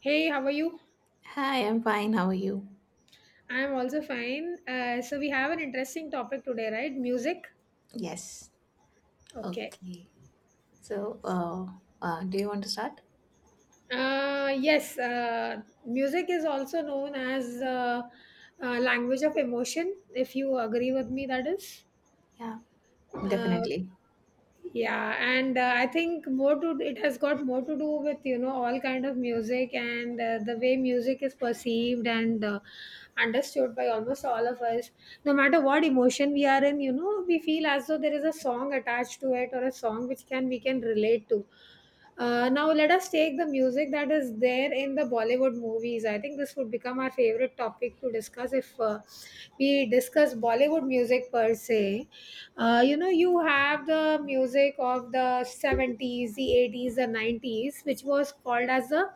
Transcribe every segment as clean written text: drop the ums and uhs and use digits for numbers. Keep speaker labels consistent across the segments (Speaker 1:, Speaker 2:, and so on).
Speaker 1: Hey, how are you?
Speaker 2: Hi, I'm fine. How are you?
Speaker 1: I'm also fine. So we have an interesting topic today, right? Music.
Speaker 2: Yes.
Speaker 1: Okay.
Speaker 2: Okay. So, do you want to start?
Speaker 1: Yes, music is also known as language of emotion, if you agree with me, that is.
Speaker 2: Yeah,
Speaker 1: Uh,
Speaker 2: definitely.
Speaker 1: yeah and I think more to it has got more to do with, you know, all kind of music, and the way music is perceived and understood by almost all of us, no matter what emotion we are in. You know, we feel as though there is a song attached to it, or a song which can we can relate to. Now let us take the music that is there in the Bollywood movies. I think this would become our favorite topic to discuss if we discuss Bollywood music per se. You know, you have the music of the 70s, the 80s, the 90s, which was called as the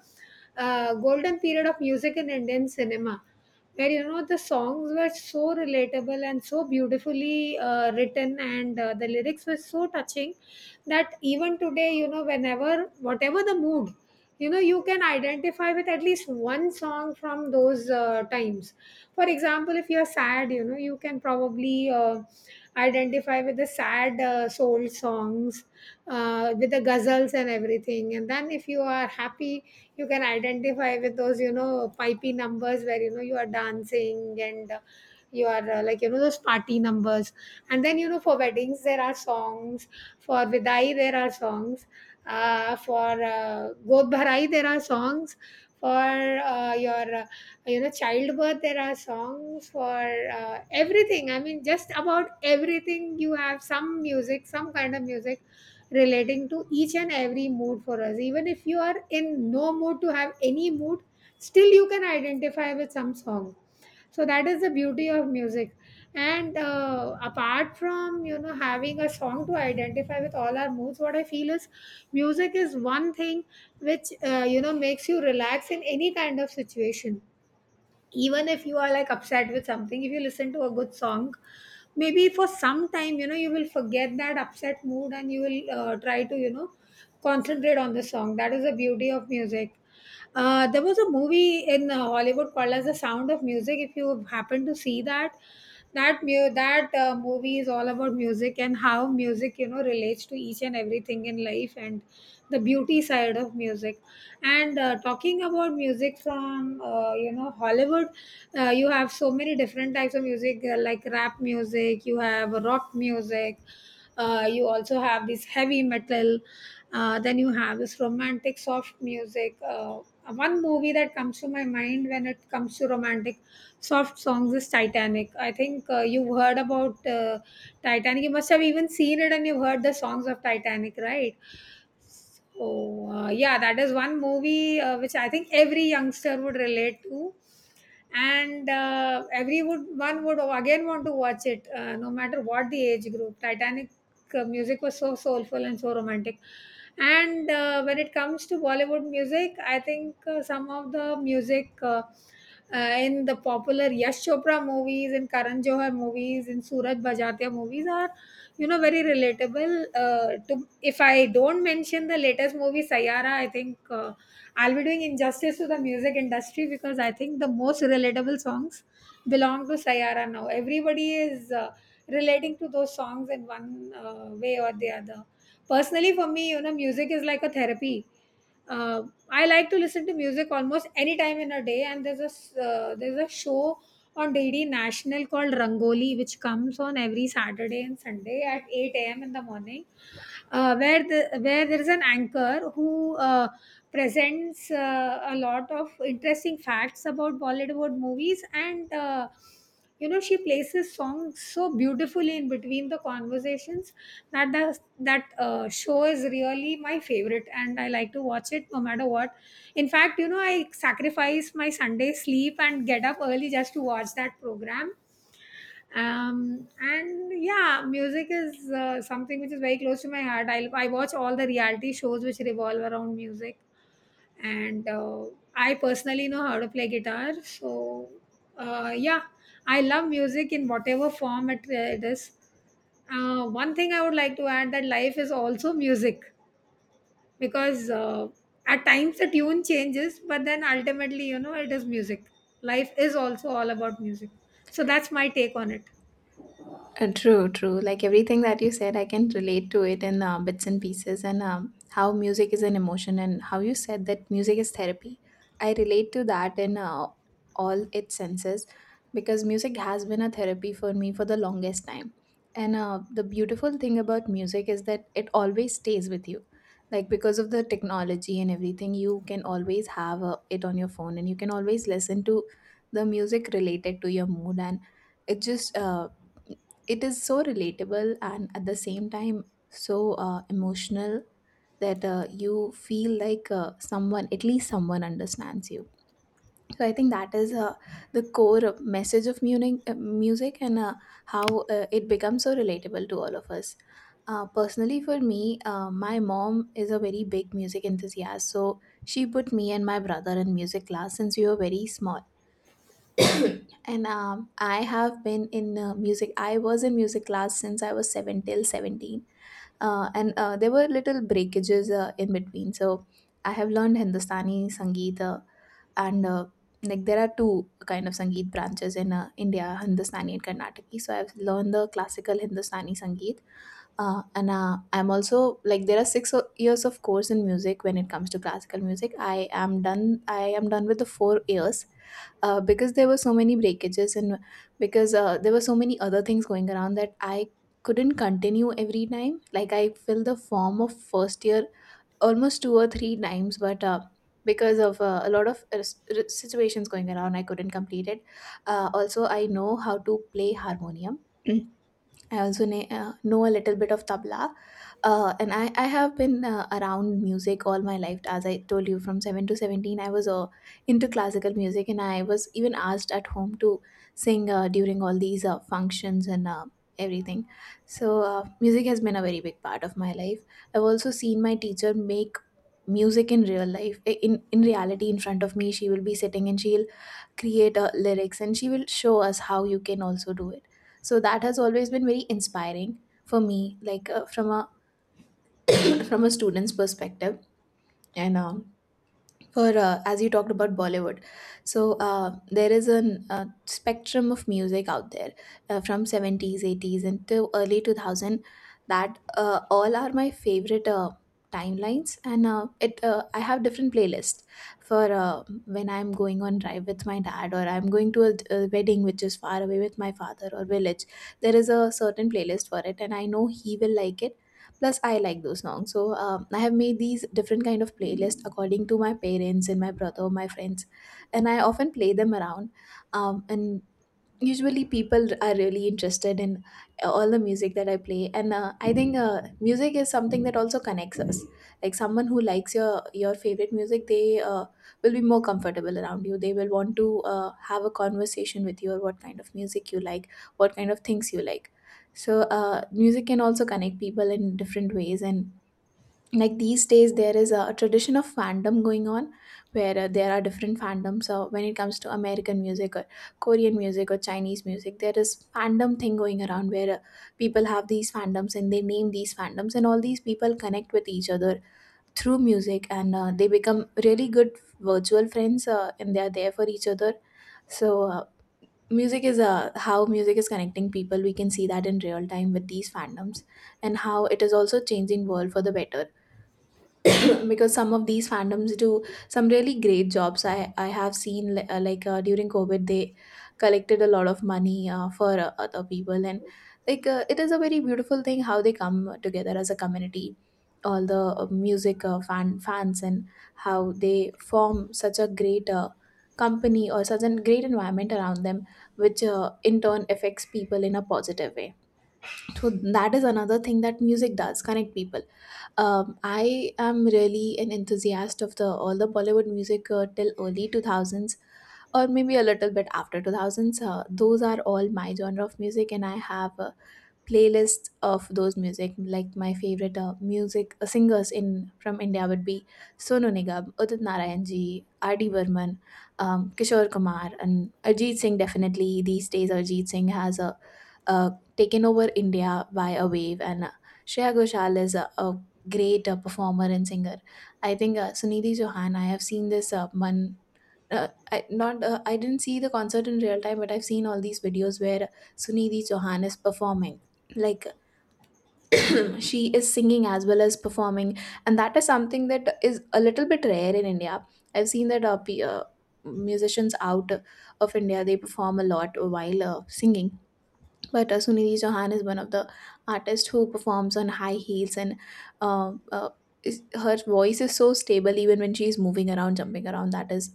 Speaker 1: golden period of music in Indian cinema, where, you know, the songs were so relatable and so beautifully written, and the lyrics were so touching that even today, you know, whenever whatever the mood, you know, you can identify with at least one song from those times. For example, if you're sad, you know, you can probably identify with the sad soul songs, with the ghazals and everything. And then if you are happy, you can identify with those, you know, pipey numbers where, you know, you are dancing, and you are like, you know, those party numbers. And then, you know, for weddings, there are songs. For Vidai, there are songs. For God bharai, there are songs. For your, you know, childbirth, there are songs. For everything, I mean, just about everything, you have some music, some kind of music relating to each and every mood for us. Even if you are in no mood to have any mood, still you can identify with some song. So that is the beauty of music. And apart from, you know, having a song to identify with all our moods, what I feel is music is one thing which, you know, makes you relax in any kind of situation. Even if you are like upset with something, if you listen to a good song, maybe for some time, you know, you will forget that upset mood, and you will try to, you know, concentrate on the song. That is the beauty of music. There was a movie in Hollywood called as The Sound of Music. If you happen to see that, that movie is all about music and how music, you know, relates to each and everything in life, and the beauty side of music. And talking about music from, you know, Hollywood, you have so many different types of music, like rap music. You have rock music. You also have this heavy metal. Then you have this romantic soft music. One movie that comes to my mind when it comes to romantic soft songs is Titanic. I think you've heard about Titanic. You must have even seen it, and you've heard the songs of Titanic, right? So, yeah, that is one movie which I think every youngster would relate to. And one would again want to watch it, no matter what the age group. Titanic music was so soulful and so romantic. And when it comes to Bollywood music, I think some of the music in the popular Yash Chopra movies, in Karan Johar movies, in Suraj Bhajatia movies are, you know, very relatable to. If I don't mention the latest movie Sayara, I think I'll be doing injustice to the music industry, because I think the most relatable songs belong to Sayara. Now everybody is relating to those songs in one way or the other. Personally for me, you know, music is like a therapy. uh, I like to listen to music almost any time in a day, and there's there's a show on DD National called Rangoli, which comes on every Saturday and Sunday at 8 a.m. in the morning, where there is an anchor who presents a lot of interesting facts about Bollywood movies, and you know, she places songs so beautifully in between the conversations, that the that show is really my favorite, and I like to watch it no matter what. In fact, you know, I sacrifice my Sunday sleep and get up early just to watch that program. Um, and yeah, music is something which is very close to my heart. I watch all the reality shows which revolve around music, and I personally know how to play guitar. So yeah, I love music in whatever form it is. One thing I would like to add: that life is also music, because at times the tune changes, but then ultimately, you know, it is music. Life is also all about music. So that's my take on it.
Speaker 2: True, true. Like everything that you said, I can relate to it in bits and pieces, and how music is an emotion, and how you said that music is therapy. I relate to that in all its senses because music has been a therapy for me for the longest time. And the beautiful thing about music is that it always stays with you. Like because of the technology and everything, you can always have it on your phone, and you can always listen to the music related to your mood, and it just it is so relatable and at the same time so emotional, that you feel like someone, at least someone understands you. So I think that is the core message of music, music, and how it becomes so relatable to all of us. Personally for me, my mom is a very big music enthusiast, so she put me and my brother in music class since we were very small. And I have been in music. I was in music class since I was seven till 17, and there were little breakages in between. So I have learned Hindustani Sangeet, and like, there are two kind of Sangeet branches in India: Hindustani and Karnataki. So I've learned the classical Hindustani Sangeet, and I'm also, like, there are six years of course in music. When it comes to classical music, I am done, I am done with the 4 years, because there were so many breakages, and because there were so many other things going around, that I couldn't continue every time. Like, I filled the form of first year almost two or three times, but because of a lot of situations going around, I couldn't complete it. Also, I know how to play harmonium. I also know a little bit of tabla. And I have been around music all my life. As I told you, from 7 to 17, I was into classical music, and I was even asked at home to sing during all these functions and everything. So, music has been a very big part of my life. I've also seen my teacher make music in real life. In reality, in front of me, she will be sitting and she'll create a lyrics, and she will show us how you can also do it. So that has always been very inspiring for me, like from a from a student's perspective. And for as you talked about Bollywood, so there is an spectrum of music out there, from seventies, eighties, and to early 2000. That all are my favorite timelines, and it I have different playlists for when I'm going on drive with my dad, or I'm going to a wedding which is far away with my father or village. There is a certain playlist for it, and I know he will like it plus I like those songs. So I have made these different kind of playlists according to my parents and my brother, my friends, and I often play them around. And usually people are really interested in all the music that I play, and I think music is something that also connects us, like someone who likes your favorite music, they will be more comfortable around you, they will want to have a conversation with you, or what kind of music you like, what kind of things you like. So music can also connect people in different ways. And like, these days there is a tradition of fandom going on, where there are different fandoms when it comes to American music or Korean music or Chinese music. There is fandom thing going around where people have these fandoms, and they name these fandoms, and all these people connect with each other through music, and they become really good virtual friends, and they are there for each other. So music is how music is connecting people, we can see that in real time with these fandoms, and how it is also changing world for the better. Because some of these fandoms do some really great jobs. I have seen like during COVID they collected a lot of money for other people. And like, it is a very beautiful thing how they come together as a community, all the music fans, and how they form such a great company, or such a great environment around them, which in turn affects people in a positive way. So that is another thing that music does: connect people. I am really an enthusiast of the all the Bollywood music till early 2000s or maybe a little bit after 2000s. Those are all my genre of music, and I have playlists of those music, like my favorite music singers in from India would be Sonu Nigam, Udit Narayan ji, RD Burman, Kishore Kumar, and Ajit Singh. Definitely these days Ajit Singh has a uh, taken over India by a wave. And Shreya Ghoshal is a great performer and singer. I think Sunidhi Johan, I have seen this one. Not, I didn't see the concert in real time, but I've seen all these videos where Sunidhi Chauhan is performing. Like, she is singing as well as performing, and that is something that is a little bit rare in India. I've seen that musicians out of India, they perform a lot while singing, but Sunidhi Chauhan is one of the artists who performs on high heels, and uh, uh, her voice is so stable even when she is moving around, jumping around. That is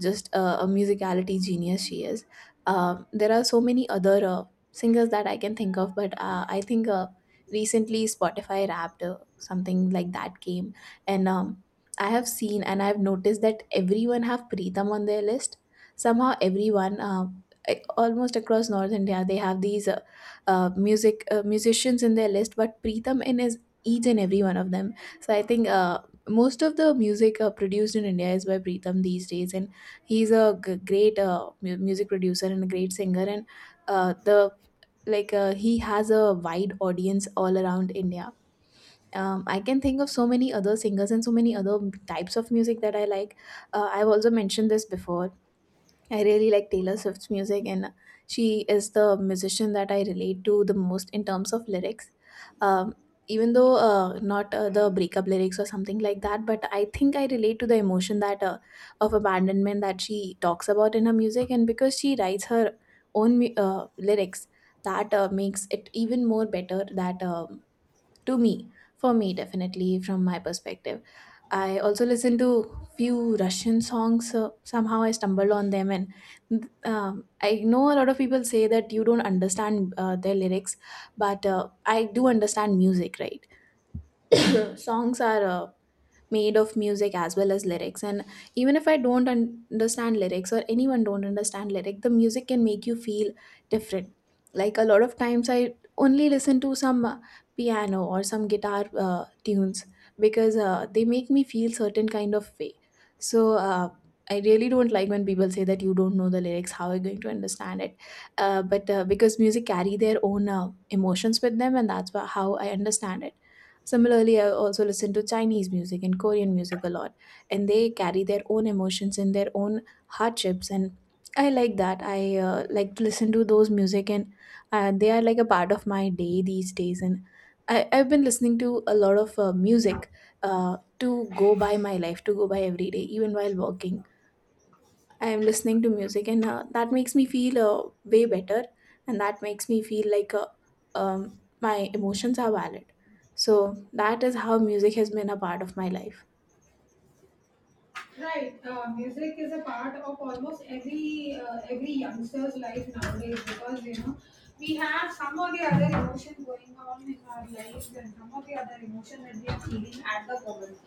Speaker 2: just a musicality genius she is. There are so many other singers that I can think of, but I think recently Spotify Wrapped, something like that came, and I have seen and I've noticed that everyone have Pritam on their list. Somehow everyone. Like, almost across North India they have these music musicians in their list, but Preetham in is each and every one of them. So I think most of the music produced in India is by Preetham these days, and he's a great music producer and a great singer, and the like, he has a wide audience all around India. I can think of so many other singers and so many other types of music that I like. I've also mentioned this before, I really like Taylor Swift's music, and she is the musician that I relate to the most in terms of lyrics. Um, Even though not the breakup lyrics or something like that, but I think I relate to the emotion that of abandonment that she talks about in her music, and because she writes her own lyrics, that makes it even more better. That to me, for me, definitely, from my perspective. I also listen to few Russian songs. Somehow I stumbled on them, and I know a lot of people say that you don't understand their lyrics, but I do understand music, right? Songs are made of music as well as lyrics, and even if I don't understand lyrics, or anyone don't understand lyric, the music can make you feel different. Like a lot of times I only listen to some piano or some guitar tunes, because they make me feel certain kind of way. So I really don't like when people say that you don't know the lyrics, how are you going to understand it. But because music carry their own emotions with them, and that's how I understand it. Similarly, I also listen to Chinese music and Korean music a lot, and they carry their own emotions and their own hardships. And I like that. I like to listen to those music, and they are like a part of my day these days. And I've been listening to a lot of music to go by my life, to go by every day, even while working. I am listening to music, and that makes me feel way better, and that makes me feel like my emotions are valid. So that is how music has been a part of my life.
Speaker 1: Right. Music is a part of almost every youngster's life nowadays, because, you know, we have some or the other emotion going on in our lives, and some or the other emotion that we are feeling at the moment.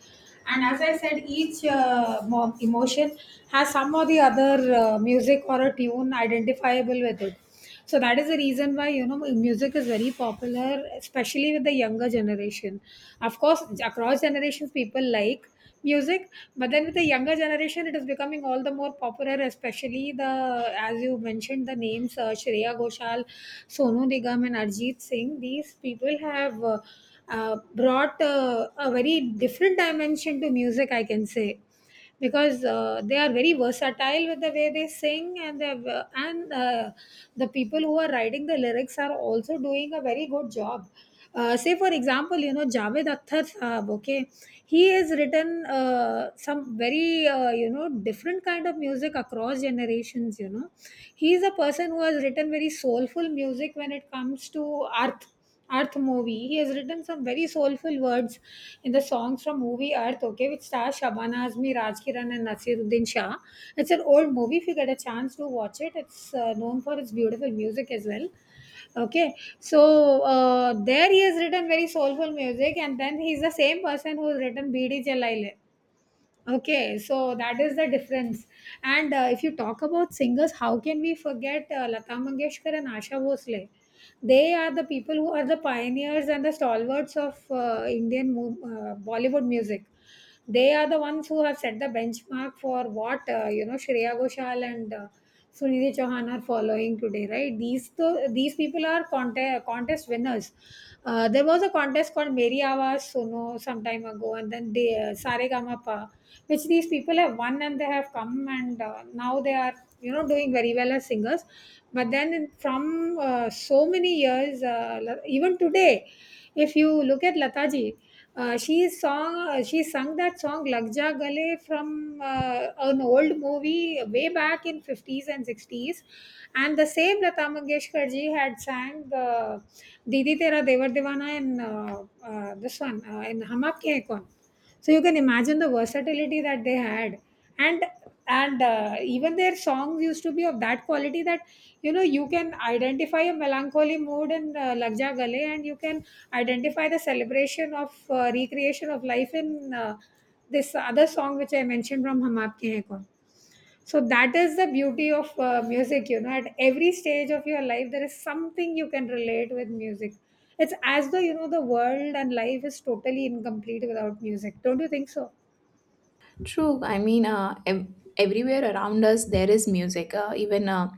Speaker 1: And as I said, each emotion has some or the other music or a tune identifiable with it. So that is the reason why, you know, music is very popular, especially with the younger generation. Of course, across generations, people like music, but then with the younger generation, it is becoming all the more popular, especially the, as you mentioned, the names Shreya Ghoshal, Sonu Nigam, and Arjit Singh. These people have brought a very different dimension to music, I can say, because they are very versatile with the way they sing, and they have, and the people who are writing the lyrics are also doing a very good job. Say for example, you know, Javed Akhtar Saab. Okay, he has written some very you know, different kind of music across generations. You know, he is a person who has written very soulful music when it comes to Earth. Earth movie. He has written some very soulful words in the songs from movie Earth, okay, which stars Shabana Azmi, Raj Kiran, and Nasiruddin Shah. It's an old movie. If you get a chance to watch it, it's known for its beautiful music as well. Okay, so there he has written very soulful music, and then he's the same person who's written Bd Chelaile. Okay, so that is the difference. And if you talk about singers, how can we forget Lata Mangeshkar and Asha Bhosle? They are the people who are the pioneers and the stalwarts of Indian Bollywood music. They are the ones who have set the benchmark for what, you know, Shreya Ghoshal and Sunidhi Chauhan are following today, right? These people are contest winners. There was a contest called Meri Awaaz Suno some time ago, and then they, Saregama, which these people have won, and they have come, and now they are, you know, doing very well as singers. But then from so many years, even today, if you look at Lataji, she sung that song Lag Ja Gale from an old movie way back in 50s and 60s, and the same Lata Mangeshkar ji had sang the Didi Tera Devar Devana in this one in Hum Aapke Hain Kaun. So you can imagine the versatility that they had. And and uh, even their songs used to be of that quality that, you know, you can identify a melancholy mood in Lag Ja Gale, and you can identify the celebration of recreation of life in this other song which I mentioned from Hum Aapke Hain Kaun. So that is the beauty of music. You know, at every stage of your life, there is something you can relate with music. It's as though, you know, the world and life is totally incomplete without music. Don't you think so?
Speaker 2: True. I mean, everywhere around us there is music. Even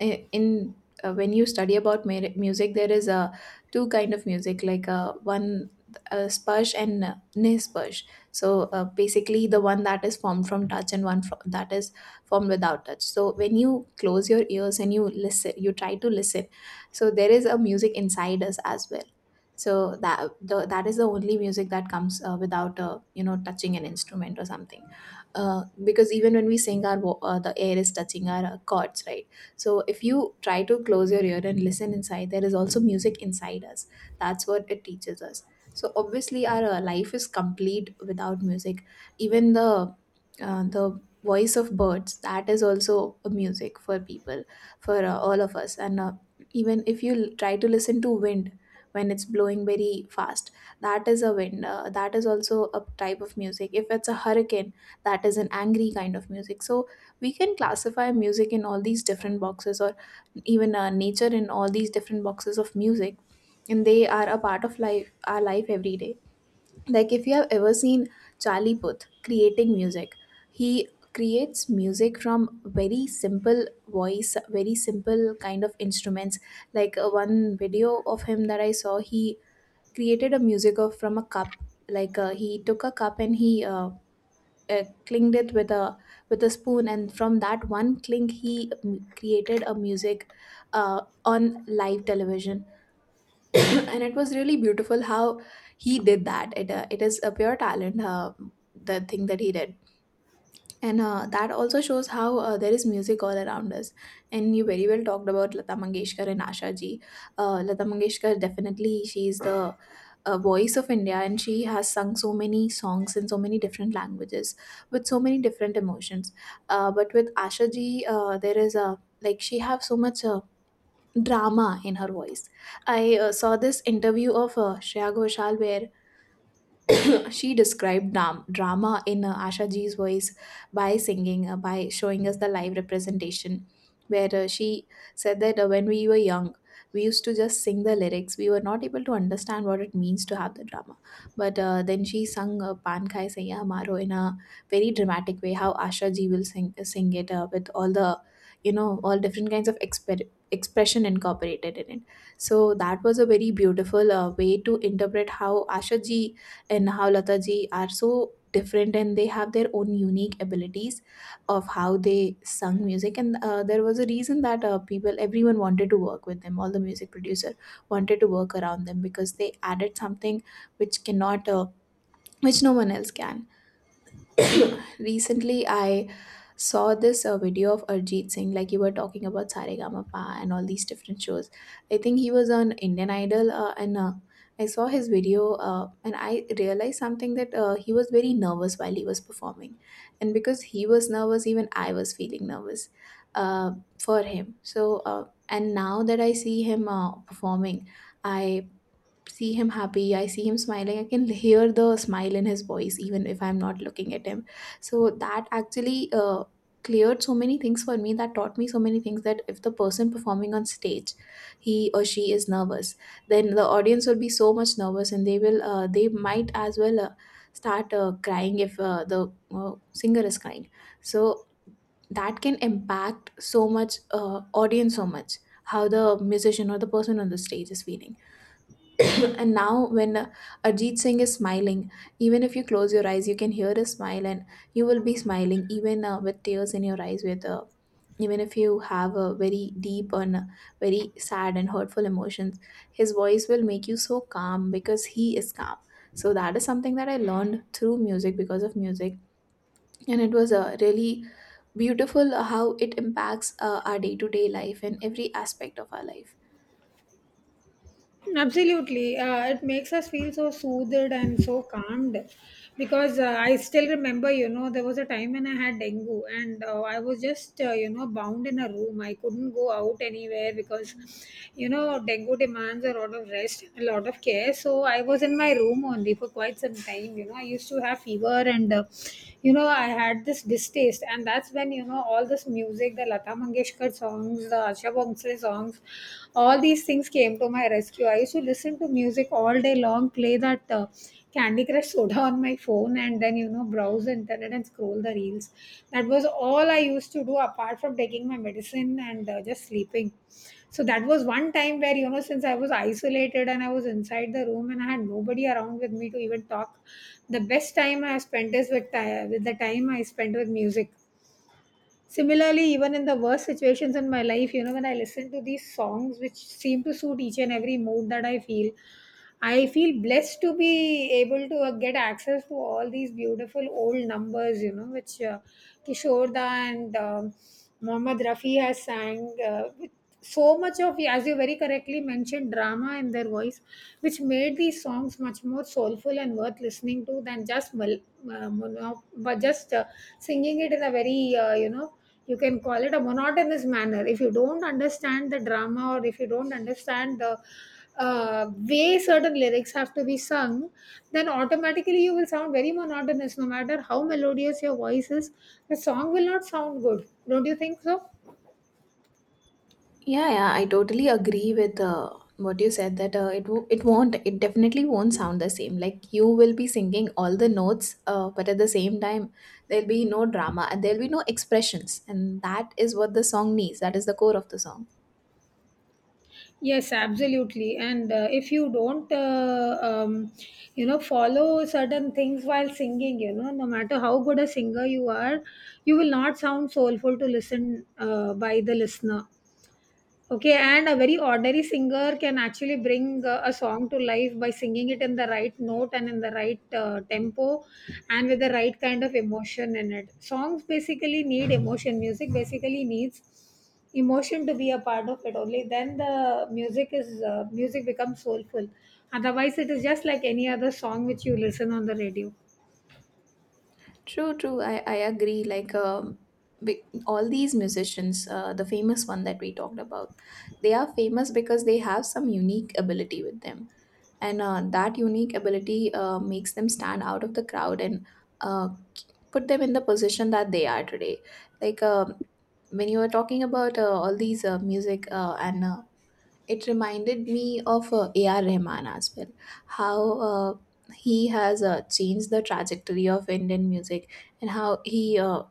Speaker 2: I- in When you study about music, there is two kind of music, like one sparsh and nisparsh. So basically, the one that is formed from touch and one that is formed without touch. So when you close your ears and you listen, you try to listen. So there is a music inside us as well. So that is the only music that comes without touching an instrument or something, because even when we sing our the air is touching our chords, right? So if you try to close your ear and listen inside, there is also music inside us. That's what it teaches us. So obviously our life is complete without music. Even the voice of birds, that is also a music for people, for all of us, and even if you try to listen to wind when it's blowing very fast, that is a wind, that is also a type of music. If it's a hurricane, that is an angry kind of music. So we can classify music in all these different boxes, or even nature in all these different boxes of music. And they are a part of life, our life, every day. Like if you have ever seen Charlie Puth creating music, he creates music from very simple voice, very simple kind of instruments. Like one video of him that I saw, he created a music of from a cup. Like he took a cup and he clinged it with a spoon, and from that one cling he created a music on live television. And it was really beautiful how he did that. It is a pure talent, the thing that he did. And that also shows how there is music all around us. And you very well talked about Lata Mangeshkar and Asha ji. Lata Mangeshkar, definitely she is the voice of India, and she has sung so many songs in so many different languages with so many different emotions. But with Asha ji, there is a like she have so much. Drama in her voice. I saw this interview of Shreya Ghoshal, where she described drama in Asha Ji's voice by singing, by showing us the live representation, where she said that when we were young, we used to just sing the lyrics. We were not able to understand what it means to have the drama. But then she sung Pan Khai Saiya Hamaro in a very dramatic way, how Asha Ji will sing, sing it with all the, you know, all different kinds of expression incorporated in it. So that was a very beautiful way to interpret how Asha Ji and how Lataji are so different, and they have their own unique abilities of how they sung music. And there was a reason that people, everyone wanted to work with them. All the music producer wanted to work around them because they added something which cannot which no one else can. Recently I saw this video of Arjit Singh, like you were talking about Saregama and all these different shows. I think he was on Indian Idol, and I saw his video, and I realized something that he was very nervous while he was performing, and because he was nervous, even I was feeling nervous uh, for him. So, and now that I see him performing. I see him happy, I see him smiling, I can hear the smile in his voice, even if I'm not looking at him. So that actually cleared so many things for me, that taught me so many things, that if the person performing on stage, he or she is nervous, then the audience will be so much nervous, and they will they might as well start crying if the singer is crying. So that can impact so much audience so much, how the musician or the person on the stage is feeling. And now, when Arjit Singh is smiling, even if you close your eyes, you can hear his smile, and you will be smiling even with tears in your eyes. With even if you have a very deep and very sad and hurtful emotions, his voice will make you so calm because he is calm. So that is something that I learned through music, because of music, and it was really beautiful how it impacts our day to day life and every aspect of our life.
Speaker 1: Absolutely. It makes us feel so soothed and so calmed, because I still remember, you know, there was a time when I had dengue, and I was just, you know, bound in a room. I couldn't go out anywhere because, you know, dengue demands a lot of rest and a lot of care, so I was in my room only for quite some time. You know, I used to have fever and, you know, I had this distaste. And that's when, you know, all this music, the Lata Mangeshkar songs, the Asha Bhonsle songs, all these things came to my rescue. I used to listen to music all day long, play that Candy Crush Soda on my phone, and then, you know, browse the internet and scroll the reels. That was all I used to do apart from taking my medicine and just sleeping. So that was one time where, you know, since I was isolated and I was inside the room and I had nobody around with me to even talk, the best time I spent is with the time I spent with music. Similarly, even in the worst situations in my life, you know, when I listen to these songs which seem to suit each and every mood that I feel blessed to be able to get access to all these beautiful old numbers, you know, which Kishorda and Mohammad Rafi has sang with so much of, as you very correctly mentioned, drama in their voice, which made these songs much more soulful and worth listening to than just, mul- mono- but just singing it in a very, you know, you can call it a monotonous manner if you don't understand the drama or if you don't understand the way certain lyrics have to be sung. Then automatically you will sound very monotonous, no matter how melodious your voice is. The song will not sound good, don't you think so?
Speaker 2: Yeah, yeah, I totally agree with what you said, that it won't, it definitely won't sound the same. Like you will be singing all the notes, but at the same time there'll be no drama and there'll be no expressions, and that is what the song needs. That is the core of the song.
Speaker 1: Yes, absolutely, and if you don't you know, follow certain things while singing, you know, no matter how good a singer you are, you will not sound soulful to listen by the listener. Okay, and a very ordinary singer can actually bring a song to life by singing it in the right note and in the right tempo and with the right kind of emotion in it. Songs basically need emotion, music basically needs emotion to be a part of it. Only then the music is music becomes soulful. Otherwise, it is just like any other song which you listen on the radio.
Speaker 2: True, true. I agree. Like all these musicians, the famous one that we talked about, they are famous because they have some unique ability with them, and that unique ability makes them stand out of the crowd and uh, put them in the position that they are today. Like when you were talking about all these music and it reminded me of A.R. Rahman as well, how he has changed the trajectory of Indian music, and how he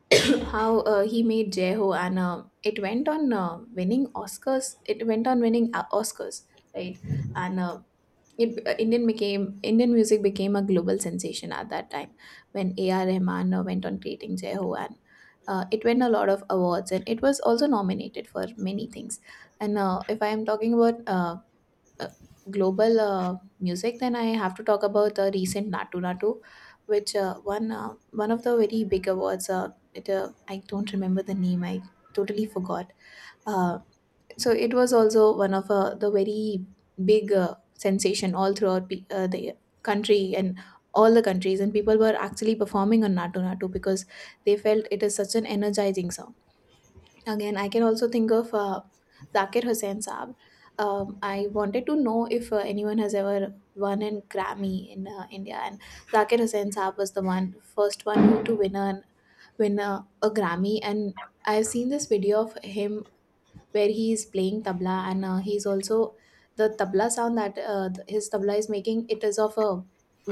Speaker 2: how he made Jai Ho, and it went on winning Oscars. It went on winning Oscars, right? And it, Indian became Indian music became a global sensation at that time when A.R. Rahman went on creating Jehu, and it won a lot of awards, and it was also nominated for many things. And if I am talking about uh, global music, then I have to talk about the recent Natu Natu, which won one of the very big awards. It I don't remember the name. I totally forgot. Uh, so it was also one of the very big sensation all throughout the country and all the countries, and people were actually performing on Natu Natu because they felt it is such an energizing song. Again, I can also think of Zakir Hussain Saab. I wanted to know if anyone has ever won an Grammy in India, and Zakir Hussain Saab was the one first one who to win a Grammy, and I've seen this video of him where he is playing tabla, and he's also the tabla sound that his tabla is making, it is of a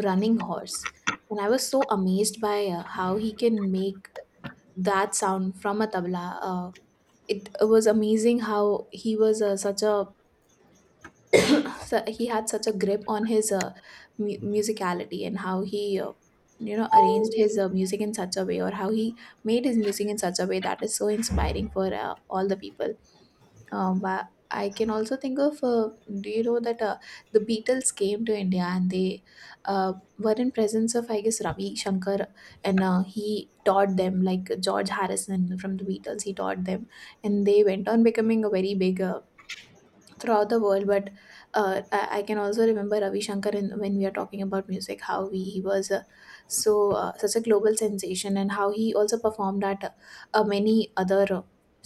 Speaker 2: running horse. And I was so amazed by how he can make that sound from a tabla. uh, it was amazing how he was such a he had such a grip on his musicality, and how he arranged his music in such a way, or how he made his music in such a way that is so inspiring for all the people. Um, but I can also think of, do you know that the Beatles came to India, and they uh, were in presence of, I guess, Ravi Shankar, and he taught them, like George Harrison from the Beatles. He taught them, and they went on becoming a very big throughout the world. But I can also remember Ravi Shankar in, when we are talking about music, how he was such a global sensation, and how he also performed at many other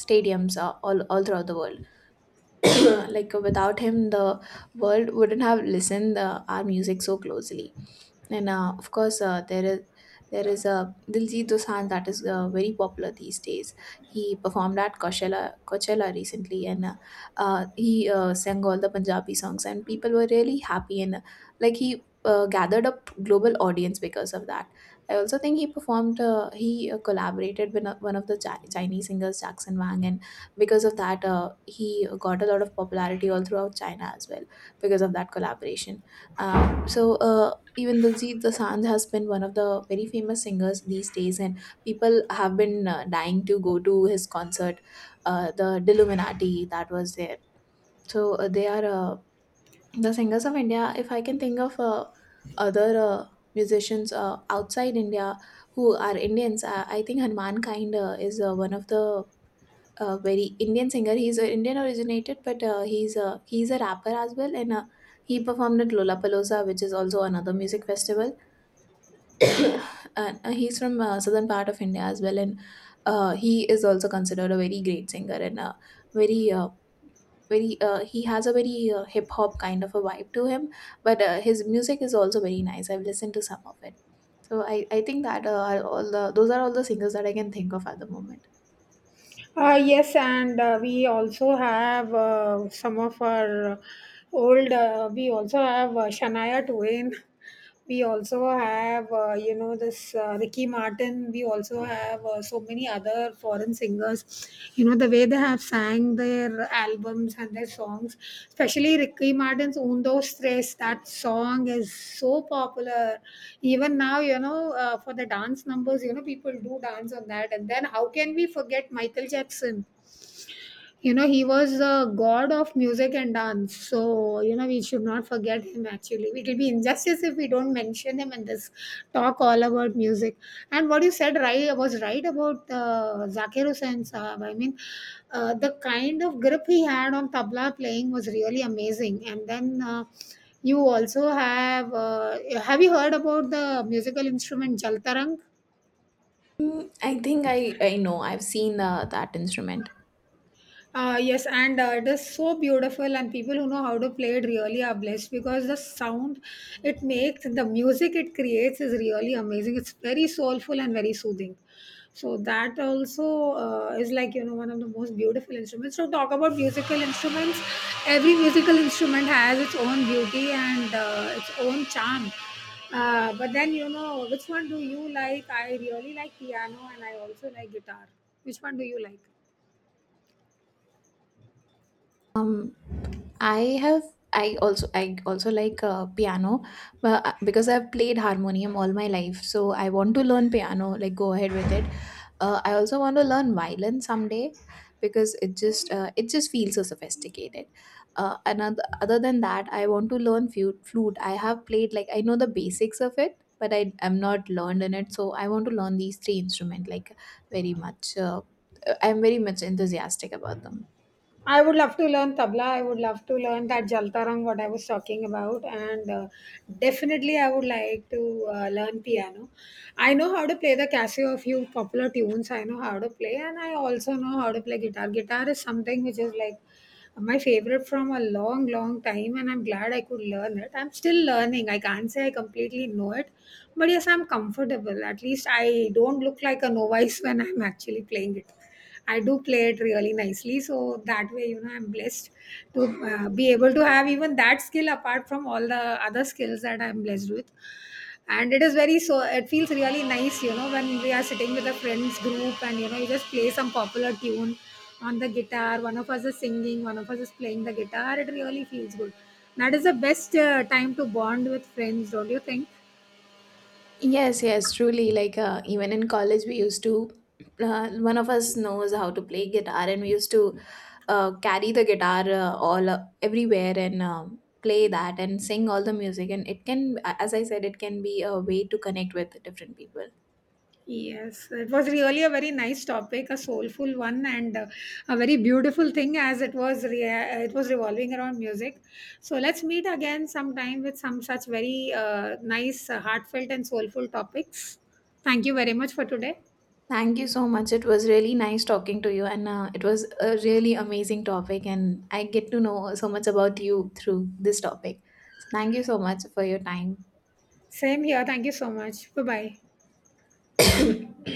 Speaker 2: stadiums, all throughout the world. Like without him, the world wouldn't have listened our music so closely. And of course, there is a Diljit Dosanjh that is very popular these days. He performed at Coachella recently, and he sang all the Punjabi songs, and people were really happy, and like he gathered a global audience because of that. I also think he performed. He collaborated with one of the Chinese singers, Jackson Wang, and because of that, he got a lot of popularity all throughout China as well because of that collaboration. So. Even Diljit Dosanjh has been one of the very famous singers these days, and people have been dying to go to his concert, the Dilluminati that was there. So the singers of India. If I can think of other musicians outside India who are Indians, I think Hanuman Kind is one of the very Indian singer. He's Indian originated, but he's a rapper as well, and he performed at Lollapalooza, which is also another music festival. And he's from southern part of India as well, and he is also considered a very great singer, and very very he has a very hip hop kind of a vibe to him, but his music is also very nice. I've listened to some of it, so I think that are all the those are all the singers that I can think of at the moment.
Speaker 1: Yes, and we also have some of our old. We also have Shania Twain. We also have you know, this Ricky Martin. We also have so many other foreign singers. You know, the way they have sang their albums and their songs, especially Ricky Martin's "Undo tres," that song is so popular. Even now, you know, for the dance numbers, you know, people do dance on that. And then how can we forget Michael Jackson? You know, he was the god of music and dance, so you know we should not forget him. Actually, it will be injustice if we don't mention him in this talk all about music. And what you said right was right about Zakir Hussain Sahab. I mean, the kind of grip he had on tabla playing was really amazing. And then you also have you heard about the musical instrument jaltarang?
Speaker 2: Mm, I think I know, I've seen that instrument.
Speaker 1: Yes, and it is so beautiful, and people who know how to play it really are blessed, because the sound it makes, the music it creates is really amazing. It's very soulful and very soothing. So that also is, like, you know, one of the most beautiful instruments. So talk about musical instruments. Every musical instrument has its own beauty and its own charm. But then, you know, which one do you like? I really like piano, and I also like guitar. Which one do you like?
Speaker 2: Um, I have I also like piano, but because I've played harmonium all my life, so I want to learn piano, like go ahead with it. I also want to learn violin someday because it just feels so sophisticated. Another other than that, I want to learn flute. I have played, like I know the basics of it, but I am not learned in it, so I want to learn these three instruments like very much. I'm very much enthusiastic about them.
Speaker 1: I would love to learn tabla. I would love to learn that jaltarang, what I was talking about, and definitely I would like to learn piano. I know how to play the Casio, a few popular tunes I know how to play, and I also know how to play guitar. Guitar is something which is like my favorite from a long, long time, and I'm glad I could learn it. I'm still learning. I can't say I completely know it, but yes, I'm comfortable. At least I don't look like a novice when I'm actually playing it. I do play it really nicely. So that way, you know, I'm blessed to be able to have even that skill apart from all the other skills that I'm blessed with. And it is very so, it feels really nice, you know, when we are sitting with a friends group and, you know, you just play some popular tune on the guitar. One of us is singing, one of us is playing the guitar. It really feels good. That is the best time to bond with friends, don't you think?
Speaker 2: Yes, yes, truly. Like even in college, we used to. One of us knows how to play guitar, and we used to carry the guitar all everywhere, and play that and sing all the music. And it can, as I said, it can be a way to connect with different people.
Speaker 1: Yes, it was really a very nice topic, a soulful one, and a very beautiful thing as it was revolving around music. So let's meet again sometime with some such very nice, heartfelt, and soulful topics. Thank you very much for today.
Speaker 2: Thank you so much. It was really nice talking to you, and it was a really amazing topic. And I get to know so much about you through this topic. So thank you so much for your time.
Speaker 1: Same here. Thank you so much. Bye bye.